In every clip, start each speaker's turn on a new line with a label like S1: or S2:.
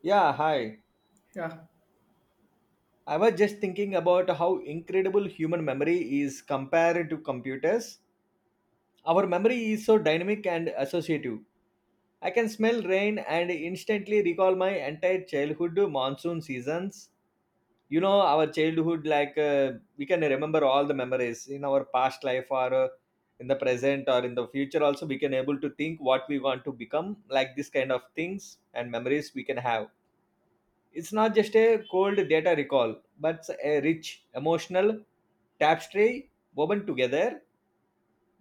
S1: Yeah, hi.
S2: Yeah,
S1: I was just thinking about how incredible human memory is compared to computers. Our memory is so dynamic and associative. I can smell rain and instantly recall my entire childhood monsoon seasons. You know, our childhood, like we can remember all the memories in our past life or in the present or in the future. Also, we can able to think what we want to become, like this kind of things and memories we can have. It's not just a cold data recall, but a rich emotional tapestry woven together.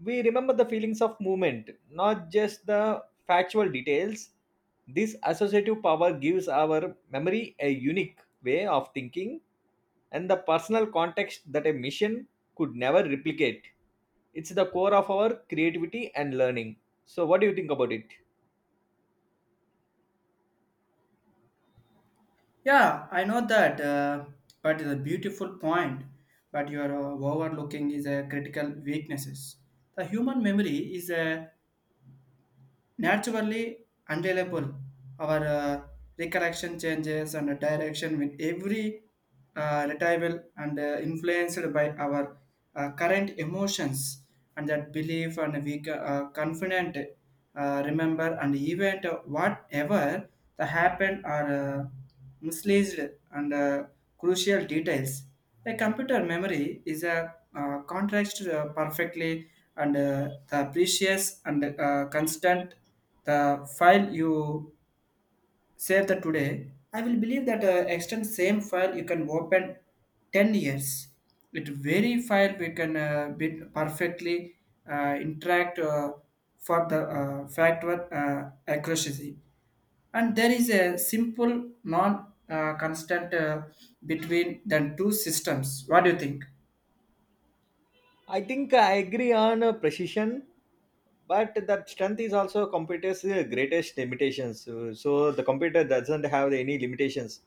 S1: We remember the feelings of movement, not just the factual details. This associative power gives our memory a unique way of thinking and the personal context that a mission could never replicate. It's the core of our creativity and learning. So, what do you think about it?
S2: yeah, I know that, but it's a beautiful point. But you are overlooking is a critical weaknesses. The human memory is naturally unreliable. Our recollection changes and direction with every retrieval and influenced by our current emotions and that belief and we are confident remember and event whatever the happened are uh, mislaced and crucial details. A computer memory is a contrast perfectly and the precious and constant the file you save that today, I will believe that extend same file you can open 10 years. It very file we can be perfectly interact for the factor accuracy. And there is a simple non constant between the two systems. What do you think?
S1: I think I agree on precision, but that strength is also computer's greatest limitations. So the computer doesn't have any limitations.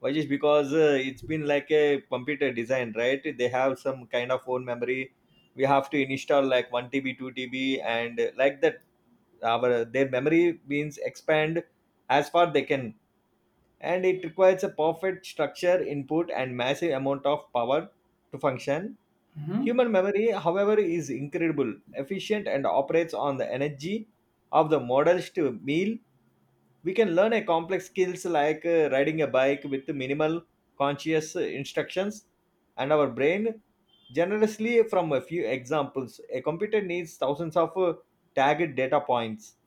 S1: Why? Just because it's been like a computer design, right? They have some kind of own memory. We have to install like 1 TB, 2 TB, and like that, our their memory means expand as far they can, and it requires a perfect structure input and massive amount of power to function. Human memory, however, is incredible, efficient, and operates on the energy of the models to meal. We can learn a complex skills like riding a bike with minimal conscious instructions, and our brain generously from a few examples. A computer needs thousands of tagged data points,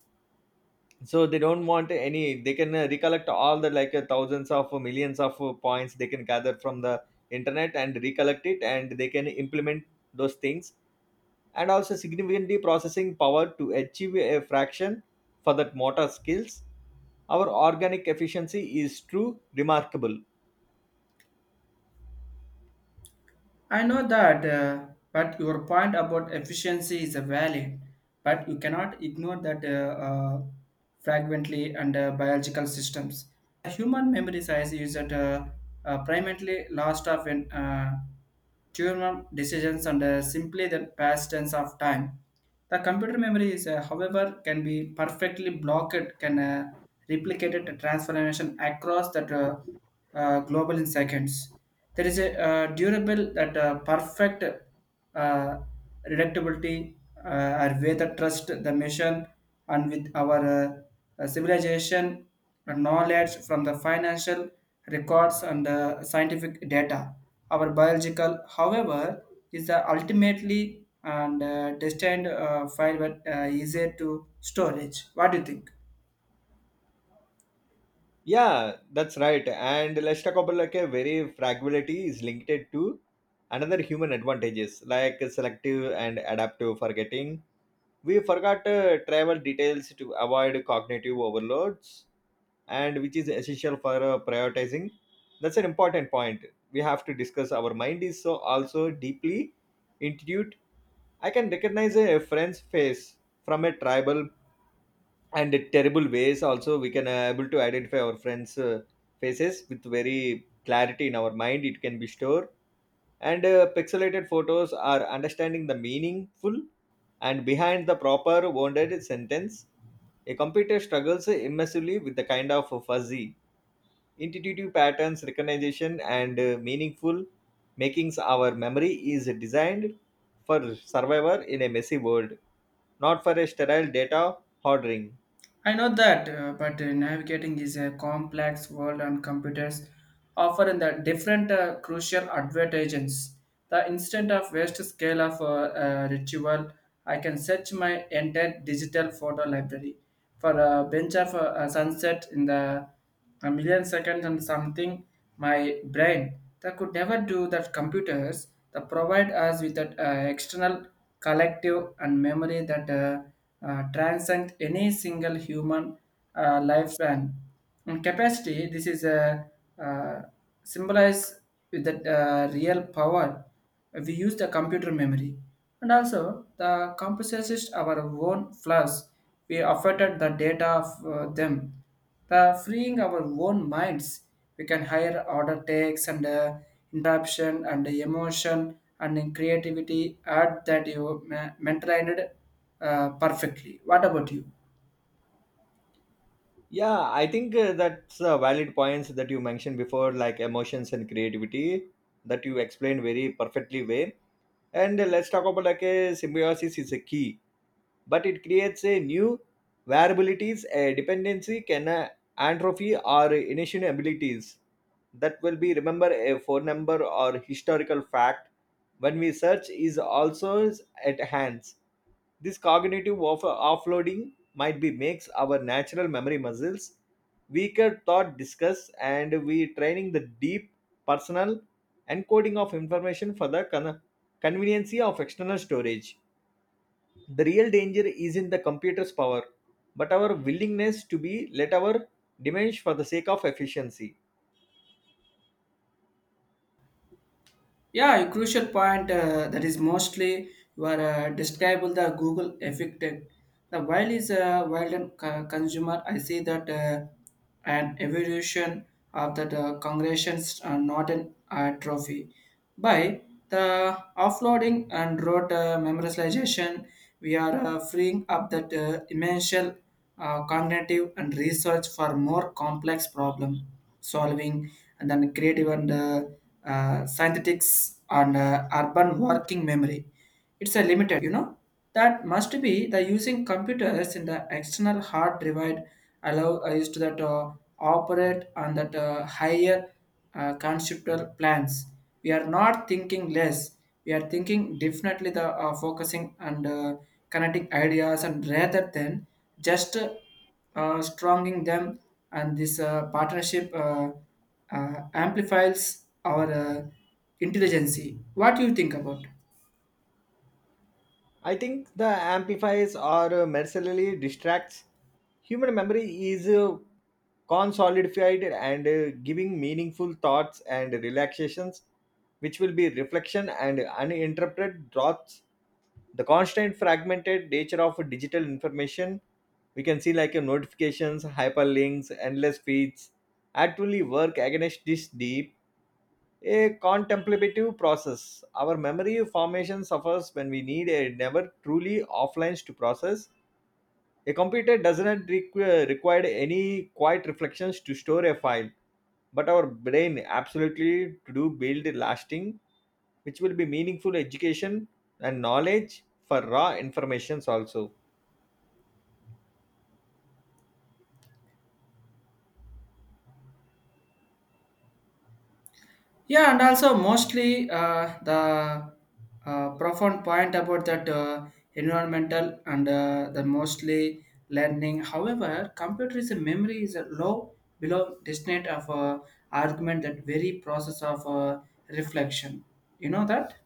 S1: so they don't want any. They can recollect all the like thousands of millions of points they can gather from the internet and recollect it, and they can implement those things and also significantly processing power to achieve a fraction for that motor skills. Our organic efficiency is true remarkable.
S2: I know that, but your point about efficiency is valid, but you cannot ignore that fragmently and biological systems. Human memory size is that primarily lost of in tumor decisions and simply the past tense of time. The computer memory is, however, can be perfectly blocked, can replicate it, transformation across that global in seconds. There is a durable that perfect reductibility uh, are way that trust the mission and with our civilization and knowledge from the financial records and scientific data. Our biological, however, is the ultimately and destined file but easier to storage. What do you think?
S1: Yeah, that's right, and let's talk about like a very fragility is linked to another human advantages like selective and adaptive forgetting. We forgot travel details to avoid cognitive overloads, and which is essential for prioritizing. That's an important point we have to discuss. Our mind is so also deeply intuitive. I can recognize a friend's face from a tribal and a terrible ways. Also, we can able to identify our friends faces with very clarity in our mind. It can be stored and pixelated photos are understanding the meaningful and behind the proper wounded sentence. A computer struggles immensely with the kind of fuzzy intuitive patterns recognition and meaningful makings. Our memory is designed for survivor in a messy world, not for a sterile data hoarding.
S2: I know that, but navigating is a complex world, and computers offering the different crucial advantages. The instant of waste scale of retrieval, I can search my entire digital photo library for a bench of a sunset in the a million seconds and something my brain that could never do that computers that provide us with that external collective and memory that transcend any single human lifespan in capacity. This is a uh, symbolize with that real power we use the computer memory and also the computer system our own flaws we affected the data of them the freeing our own minds, we can higher order takes and interruption and emotion and in creativity add that you maintained perfectly. What about you?
S1: Yeah, I think that's valid points that you mentioned before like emotions and creativity that you explained very perfectly well. And let's talk about like a symbiosis is a key, but it creates a new variabilities, a dependency, can atrophy or initial abilities that will be remember a phone number or historical fact when we search is also at hands. This cognitive offloading might be makes our natural memory muscles weaker thought discuss, and we training the deep personal encoding of information for the conveniency of external storage. The real danger is in the computer's power, but our willingness to be let our diminish for the sake of efficiency.
S2: Yeah, a crucial point that is mostly were describable the Google affected. The while is a wild and consumer. I see that an evolution of the congressions are not an trophy. By the offloading and rote memorization, we are freeing up that immense cognitive and research for more complex problem solving and then creative and synthetics and urban working memory, it's a limited, you know, that must be the using computers in the external hard drive allow used to that operate on that higher conceptual plans. We are not thinking less, we are thinking definitely the focusing and connecting ideas and rather than just stronging them, and this partnership amplifies our intelligence. What do you think about?
S1: I think the amplifies or mercilessly distracts. Human memory is consolidated and giving meaningful thoughts and relaxations, which will be reflection and uninterrupted thoughts. The constant fragmented nature of digital information, we can see like notifications, hyperlinks, endless feeds, actually work against this deep a contemplative process. Our memory formation suffers when we need a never truly offline to process. A computer doesn't require any quiet reflections to store a file, but our brain absolutely to do build lasting, which will be meaningful education and knowledge for raw informations also.
S2: Yeah, and also mostly the profound point about that environmental and the mostly learning. However, computer is a memory is a low below distinct of argument that very process of reflection. You know that.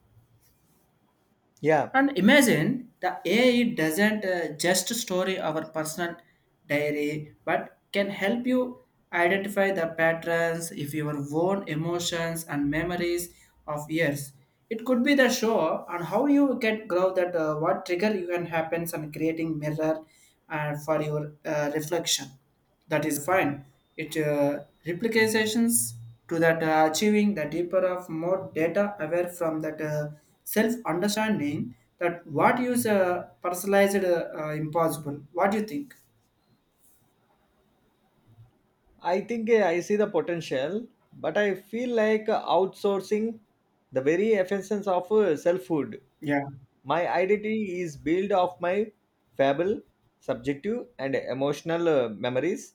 S1: Yeah,
S2: And imagine the AI doesn't just store our personal diary, but can help you identify the patterns if your own emotions and memories of years. It could be the show on how you can grow that what trigger you can happens on creating mirror for your reflection that is fine. It replications to that achieving the deeper of more data aware from that self understanding that what is personalized impossible. What do you think?
S1: I think I see the potential, but I feel like outsourcing the very essence of selfhood.
S2: Yeah.
S1: My identity is built of my fable, subjective, and emotional memories.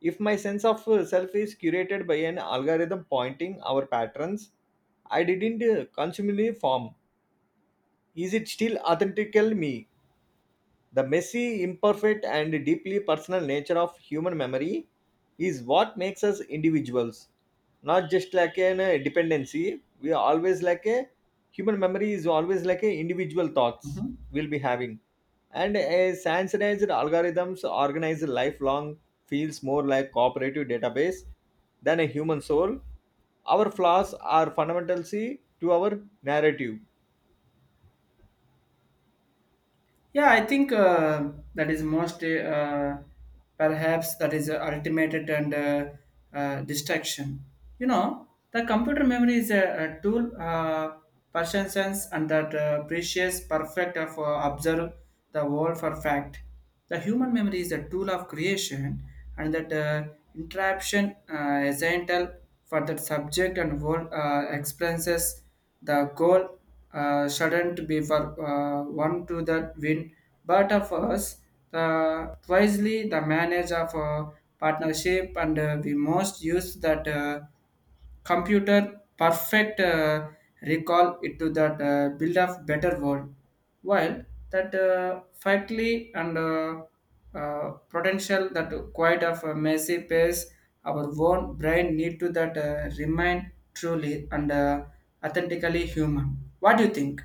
S1: If my sense of self is curated by an algorithm pointing our patterns, I didn't consumingly form. Is it still authentical me? The messy, imperfect, and deeply personal nature of human memory is what makes us individuals, not just like an dependency. We are always like a human memory is always like a individual thoughts
S2: Mhm.
S1: we'll be having, and a sanitized algorithms organized lifelong feels more like cooperative database than a human soul. Our flaws are fundamentally to our narrative.
S2: Yeah, I think that is most perhaps that is ultimated and distraction. You know, the computer memory is a tool, person and that precious perfect of observe the world for fact. The human memory is a tool of creation, and that interruption essential for that subject and world experiences the goal shouldn't be for one to the win, but of us, the wisely the manage of partnership and we most use that computer perfect recall it to that build of better world while that factly and potential that quite of a messy pace our own brain need to that remain truly and authentically human. What do you think?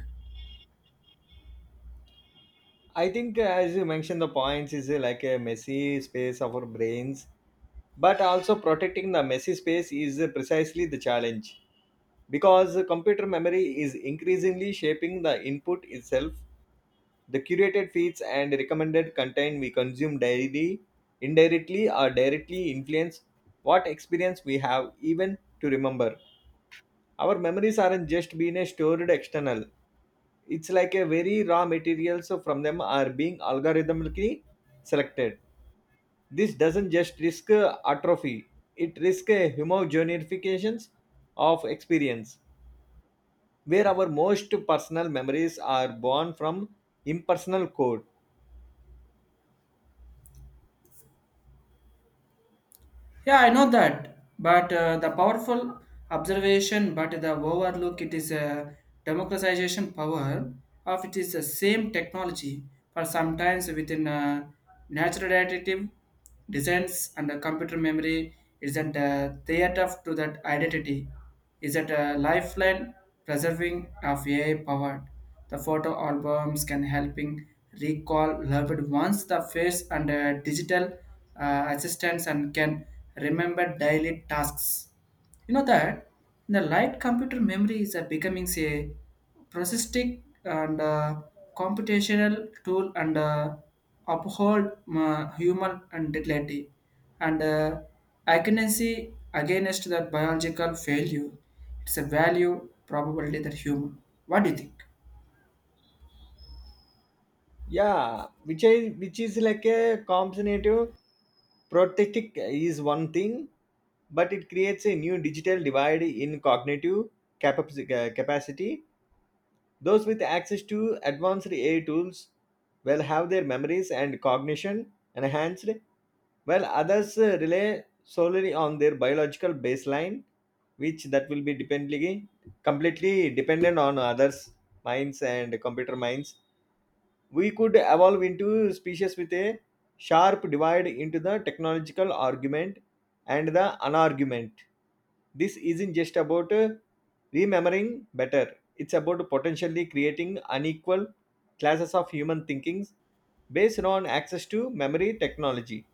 S1: I think, as you mentioned, the points is like a messy space of our brains, but also protecting the messy space is precisely the challenge because computer memory is increasingly shaping the input itself. The curated feeds and recommended content we consume daily indirectly or directly influence what experience we have, even to remember. Our memories aren't just being stored external, it's like a very raw materials from them are being algorithmically selected. This doesn't just risk atrophy, it risks a homogenifications of experience where our most personal memories are born from impersonal code.
S2: Yeah, I know that, but the powerful observation, but the overlook it is a democratization power of it is the same technology for sometimes within natural additive designs and the computer memory isn't a theater to that identity, is that a lifeline preserving of AI powered. The photo albums can helping recall loved ones, the face and digital assistance and can remember daily tasks. You know that the light computer memory is a becoming a processistic and computational tool and uphold human and dignity and agency against that biological failure. It's a value, probably that human. What do you think?
S1: Yeah, which is like a combinative prothetic is one thing, but it creates a new digital divide in cognitive capacity. Those with access to advanced AI tools will have their memories and cognition enhanced, while others rely solely on their biological baseline, which that will be dependently completely dependent on others' minds and computer minds. We could evolve into species with a sharp divide into the technological argument and the unargument. This isn't just about remembering better, it's about potentially creating unequal classes of human thinkings based on access to memory technology.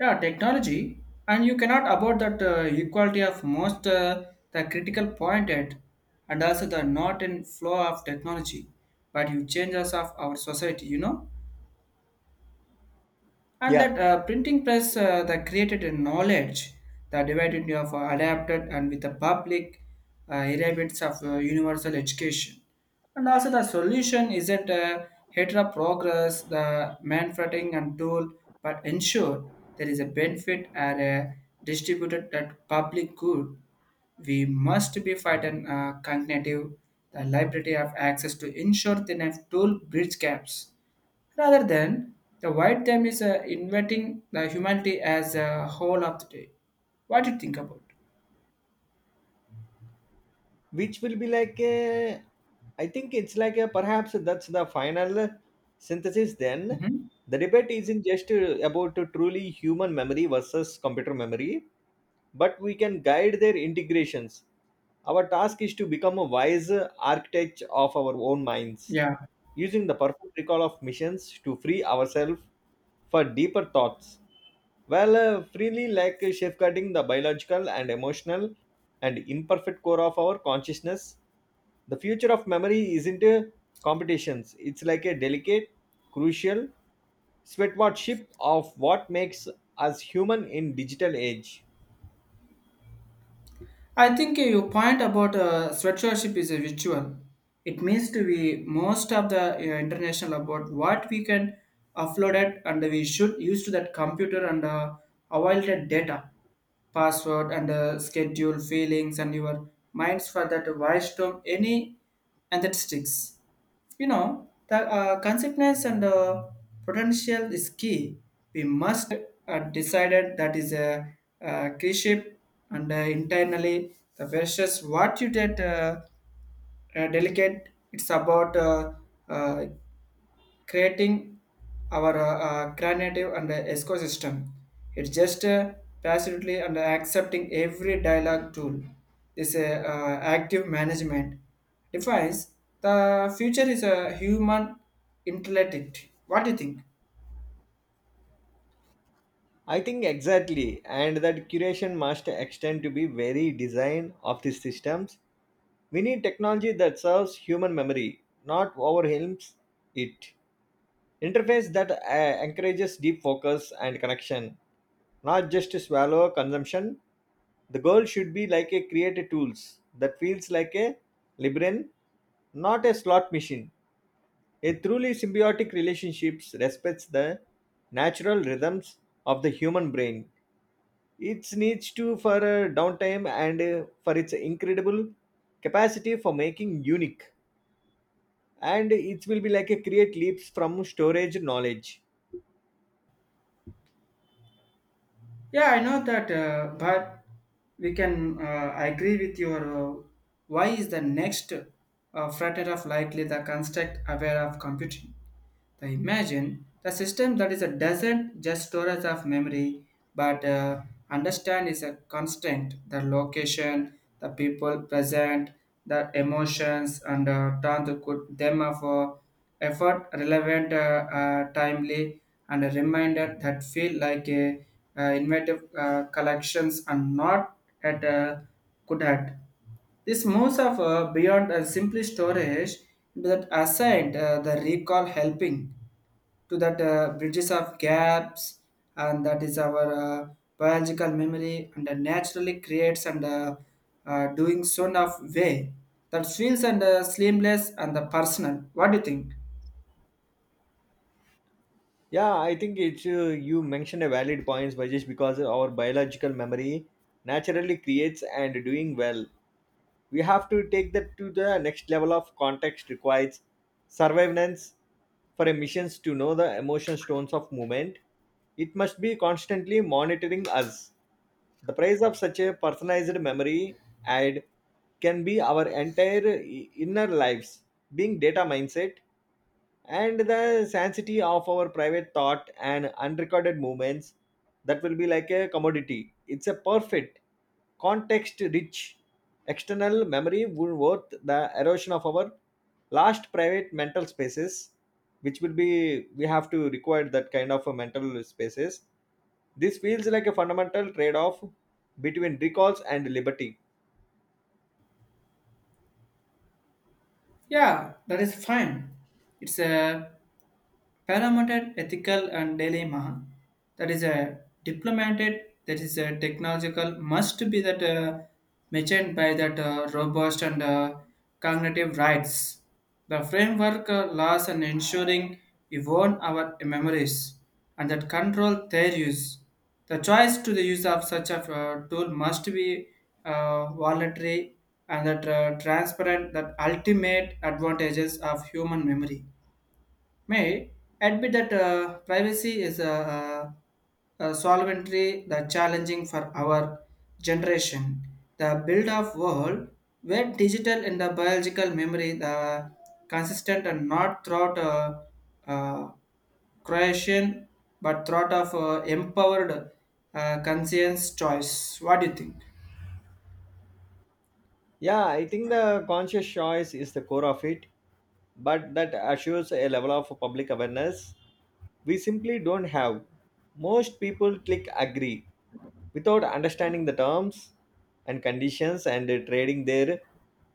S2: Yeah, technology, and you cannot abort that equality of most the critical pointed, and also the not in flow of technology, but you changes of our society. You know and
S1: Yeah,
S2: that printing press that created a knowledge that divided into of adapted and with the public elements of universal education and also the solution isn't a hetero progress the manufacturing and tool but ensure there is a benefit and a distributed that public good. We must be fighting cognitive the liability of access to ensure the enough tool bridge gaps rather than the white them is inventing the humanity as a whole of the day. What do you think about?
S1: which will be like a, I think it's like a perhaps that's the final synthesis. Then
S2: Mhm.
S1: the debate isn't just about a truly human memory versus computer memory, but we can guide their integrations. Our task is to become a wise architect of our own minds,
S2: Yeah,
S1: using the perfect recall of missions to free ourselves for deeper thoughts, while freely like safeguarding the biological and emotional and imperfect core of our consciousness. The future of memory isn't a competitions, it's like a delicate, crucial sweatwatchship of what makes us human in digital age.
S2: I think your point about sweatshirtship is a ritual. It means to be most of the international about what we can upload it and we should use to that computer and avoid that data, password and schedule feelings and your minds for that voice term any and that sticks. You know, the consequence and potential is key. We must decided that is a, key and internally the versus what you did delicate. It's about uh, creating our cognitive and ecosystem. It's just passively and accepting every dialogue tool. This active management defines the future is a human intellect. What do you think?
S1: I think exactly, and that curation must extend to be very design of these systems. We need technology that serves human memory, not overwhelms it. Interface that encourages deep focus and connection, not just to swallow consumption. The goal should be like a creative tools that feels like a librarian, not a slot machine. A truly symbiotic relationships respects the natural rhythms of the human brain. It needs to for downtime and for its incredible capacity for making unique. And it will be like a create leaps from storage knowledge.
S2: Yeah, I know that, but we can. I agree with your. Why is the next frontier of likely the construct aware of computing? The imagine the system that is a doesn't just storage of memory, but understand is a constant. The location, the people present, the emotions, and turn to good them of effort relevant, timely, and a reminder that feel like a inventive collections and not at could at. This moves of beyond simply storage into that assigned the recall helping to that bridges of gaps and that is our biological memory and naturally creates and doing so of way that feels and seamless and the personal. What do you think?
S1: Yeah, I think it's you mentioned a valid points, by just because our biological memory naturally creates and doing well. We have to take that to the next level of context requires surveillance for emissions to know the emotion stones of movement. It must be constantly monitoring us. The price of such a personalized memory ad can be our entire inner lives. Being data mindset, and the sanctity of our private thought and unrecorded moments that will be like a commodity, it's a perfect context rich external memory would worth the erosion of our last private mental spaces, which will be we have to require that kind of a mental spaces. This feels like a fundamental trade off between recalls and liberty.
S2: Yeah, that is fine. It's a parameter ethical and dilemma. That is a diplomated. That is a technological. Must be that mentioned by that robust and cognitive rights. The framework laws and ensuring we own our memories and that control their use. The choice to the use of such a tool must be voluntary and that transparent that ultimate advantages of human memory. May admit that privacy is a solventry the challenging for our generation. The build of world where digital and the biological memory the consistent and not throughout uh, Croatian, but thought of empowered conscience choice. What do you think?
S1: Yeah, I think the conscious choice is the core of it, but that assures a level of public awareness we simply don't have. Most people click agree without understanding the terms and conditions and trading their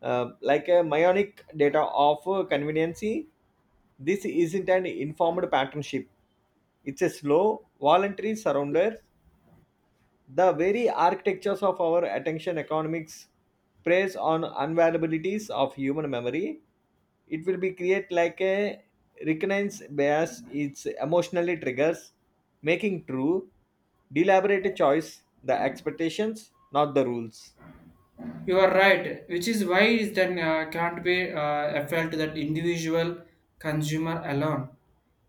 S1: like a myotic data of conveniency. This isn't an informed partnership. It's a slow, voluntary surrender the very architectures of our attention economics preys on unavailabilities of human memory. It will be create like a recurrence bias. It's emotionally triggers, making true, deliberate choice the expectations, not the rules.
S2: You are right, which is why is that can't be felt that individual consumer alone.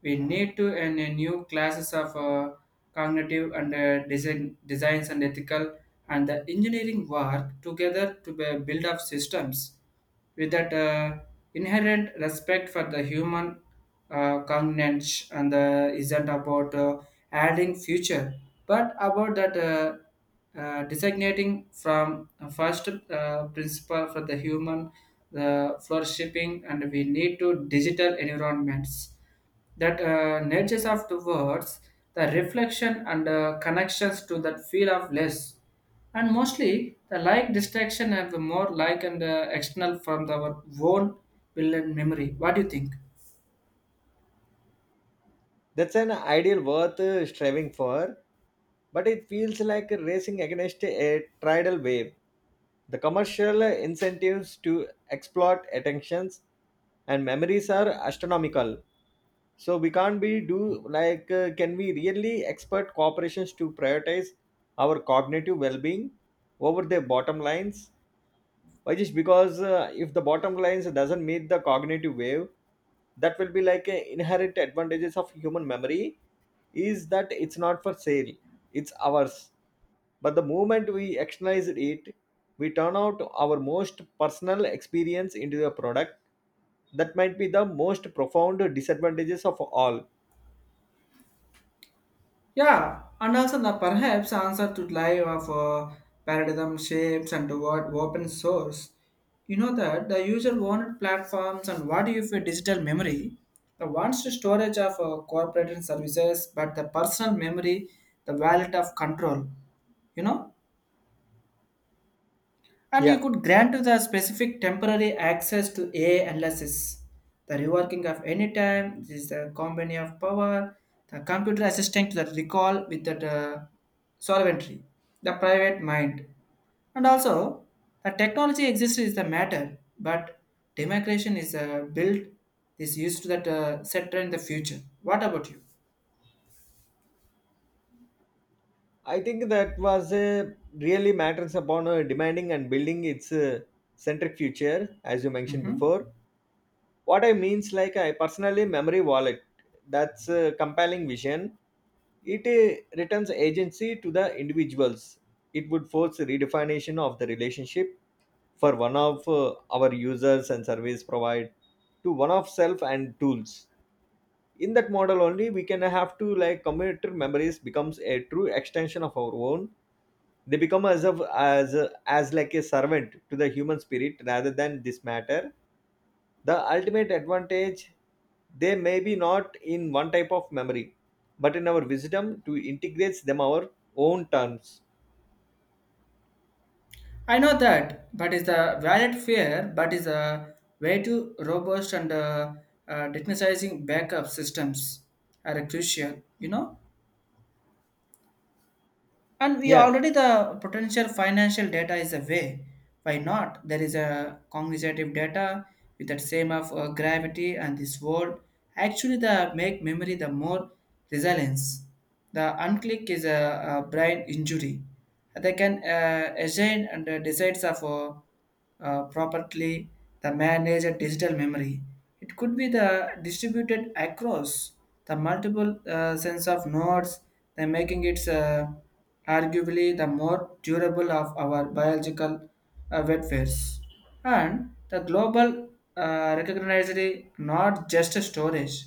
S2: We need to and a new classes of cognitive and design designs and ethical and the engineering work together to build up systems with that inherent respect for the human cognizance and isn't about adding future but about that designating from first principle for the human the flourishing and we need to digital environments that natures of the words the reflection and connections to that feel of less and mostly the like distraction and the more like and external from our own will and memory. What do you think?
S1: That's an ideal worth striving for, but it feels like racing against a tidal wave. The commercial incentives to exploit attentions and memories are astronomical. So we can't be do like can we really expect corporations to prioritize our cognitive well-being over their bottom lines? Why just because if the bottom lines doesn't meet the cognitive wave, that will be like a inherent advantages of human memory is that it's not for sale, it's ours. But the moment we externalize it, we turn out our most personal experience into a product. That might be the most profound disadvantages of all.
S2: Yeah, and also the perhaps answer to life of paradigm shapes and what open source. You know that the user wanted platforms and what if a digital memory, the wants to storage of corporate and services, but the personal memory, the wallet of control. You know and you
S1: Yeah,
S2: could grant to the specific temporary access to AI analysis. The reworking of any time, this is the company of power, the computer assistant to the recall with the solventry, the private mind. And also, the technology exists is the matter, but democration is built, is used to that sector in the future. What about you?
S1: I think that was really matters upon demanding and building its centric future, as you mentioned before. What I means like I personally memory wallet, that's a compelling vision. It returns agency to the individuals. It would force a redefinition of the relationship for one of our users and service provide to one of self and tools. In that model only we can have to like computer memories becomes a true extension of our own. They become as of as like a servant to the human spirit rather than this matter. The ultimate advantage they may be not in one type of memory, but in our wisdom to integrate them our own terms.
S2: I know that, but is the valid fear, but is a way too robust and technicizing backup systems are crucial, you know. And we
S1: Yeah,
S2: already the potential financial data is a way. Why not? There is a cognitive data with that same of gravity and this world. Actually, the make memory the more resilience. The unclick is a brain injury. They can assign and decides of properly the manage a digital memory. It could be the distributed across the multiple sense of nodes, then making it arguably the more durable of our biological wetwares. And the global recognized not just storage.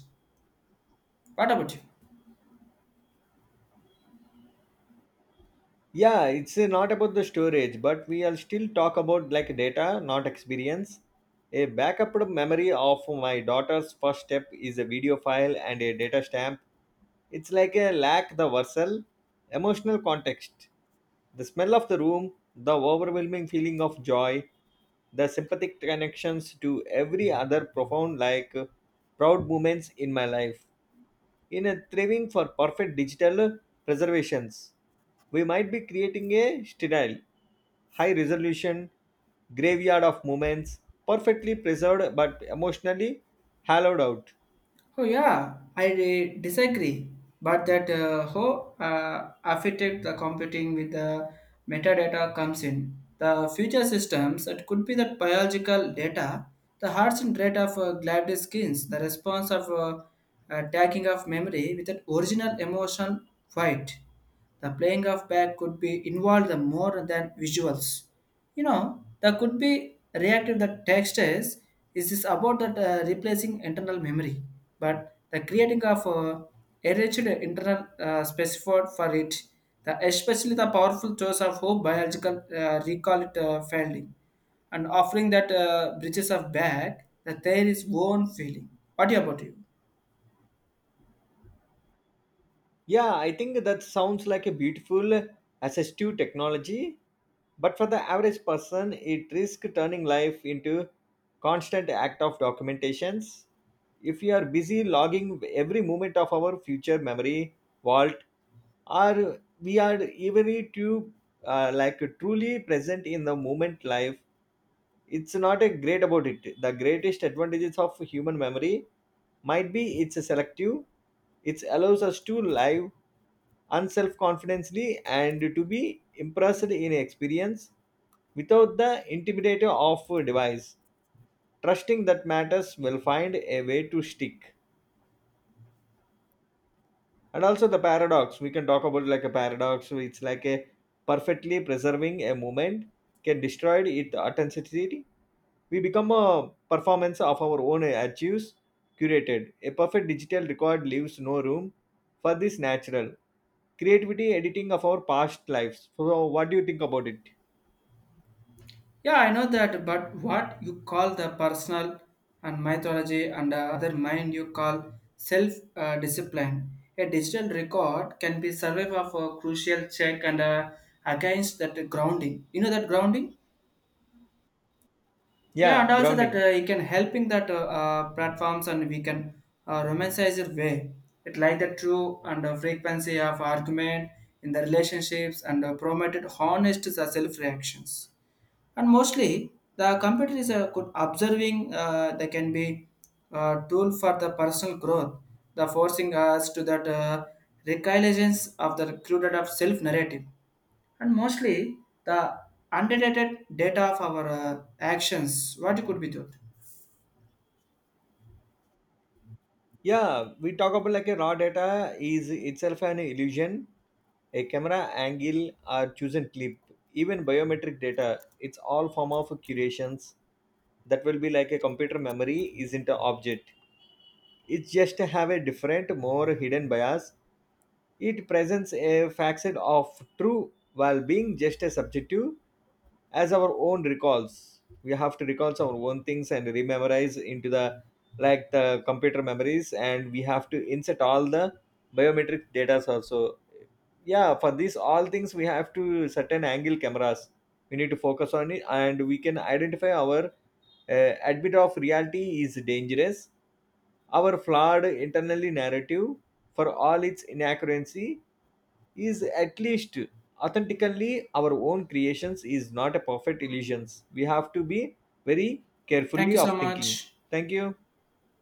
S2: What about you?
S1: yeah, it's not about the storage, but we are still talk about like data, not experience. A backup memory of my daughter's first step is a video file and a data stamp. It's like a lack the versal emotional context. The smell of the room, the overwhelming feeling of joy, the sympathetic connections to every other profound like proud moments in my life. In a thriving for perfect digital preservations, we might be creating a sterile, high resolution graveyard of moments, perfectly preserved but emotionally hollowed out.
S2: Oh yeah, I disagree. But that how affected the computing with the metadata comes in. The future systems, it could be that biological data, the hearts and rate of gliaded skins, the response of tagging of memory with that original emotion fight. The playing of back could be involved the more than visuals. You know, that could be reactive that text is this about that replacing internal memory, but the creating of enriched internal specified for it, the especially the powerful choice of who biological recall it failing and offering that bridges of back, that there is own feeling. What about you?
S1: Yeah, I think that sounds like a beautiful assistive technology, but for the average person, it risks turning life into constant act of documentations. If we are busy logging every moment of our future memory vault, or we are even too like truly present in the moment life, it's not a great about it. The greatest advantages of human memory might be it's selective. It allows us to live unself-confidently and to be impressed in experience without the intimidator of a device. Trusting that matters will find a way to stick. And also the paradox. We can talk about like a paradox. So it's like a perfectly preserving a moment can destroy its authenticity. We become a performance of our own achieves, curated. A perfect digital record leaves no room for this natural creativity editing of our past lives. So, what do you think about it?
S2: Yeah, I know that, but what you call the personal and mythology and the other mind you call self discipline. A digital record can be survive of a crucial check and against that grounding. You know that grounding? Yeah, and
S1: Yeah,
S2: also that
S1: grounding.
S2: it can helping that platforms and we can romanticize it way. It like the true and frequency of argument in the relationships and promoted honest self reactions and mostly the computer is a good observing they can be a tool for the personal growth the forcing us to that recognizance of the recruited of self narrative and mostly the unrelated data of our actions. What you could be thought?
S1: Yeah, we talk about like a raw data is itself an illusion. A camera angle or chosen clip, even biometric data, it's all form of curations that will be like a computer memory isn't an object. It's just have a different, more hidden bias. It presents a facet of true while being just as subjective as our own recalls. We have to recall our own things and rememorize into the like the computer memories, and we have to insert all the biometric data also. Yeah, for these all things we have to certain angle cameras. We need to focus on it, and we can identify our admit of reality is dangerous. Our flawed internally narrative for all its inaccuracy is at least authentically our own creations is not a perfect illusions. We have to be very
S2: Thank
S1: carefully
S2: you so
S1: of thinking.
S2: much.
S1: Thank you.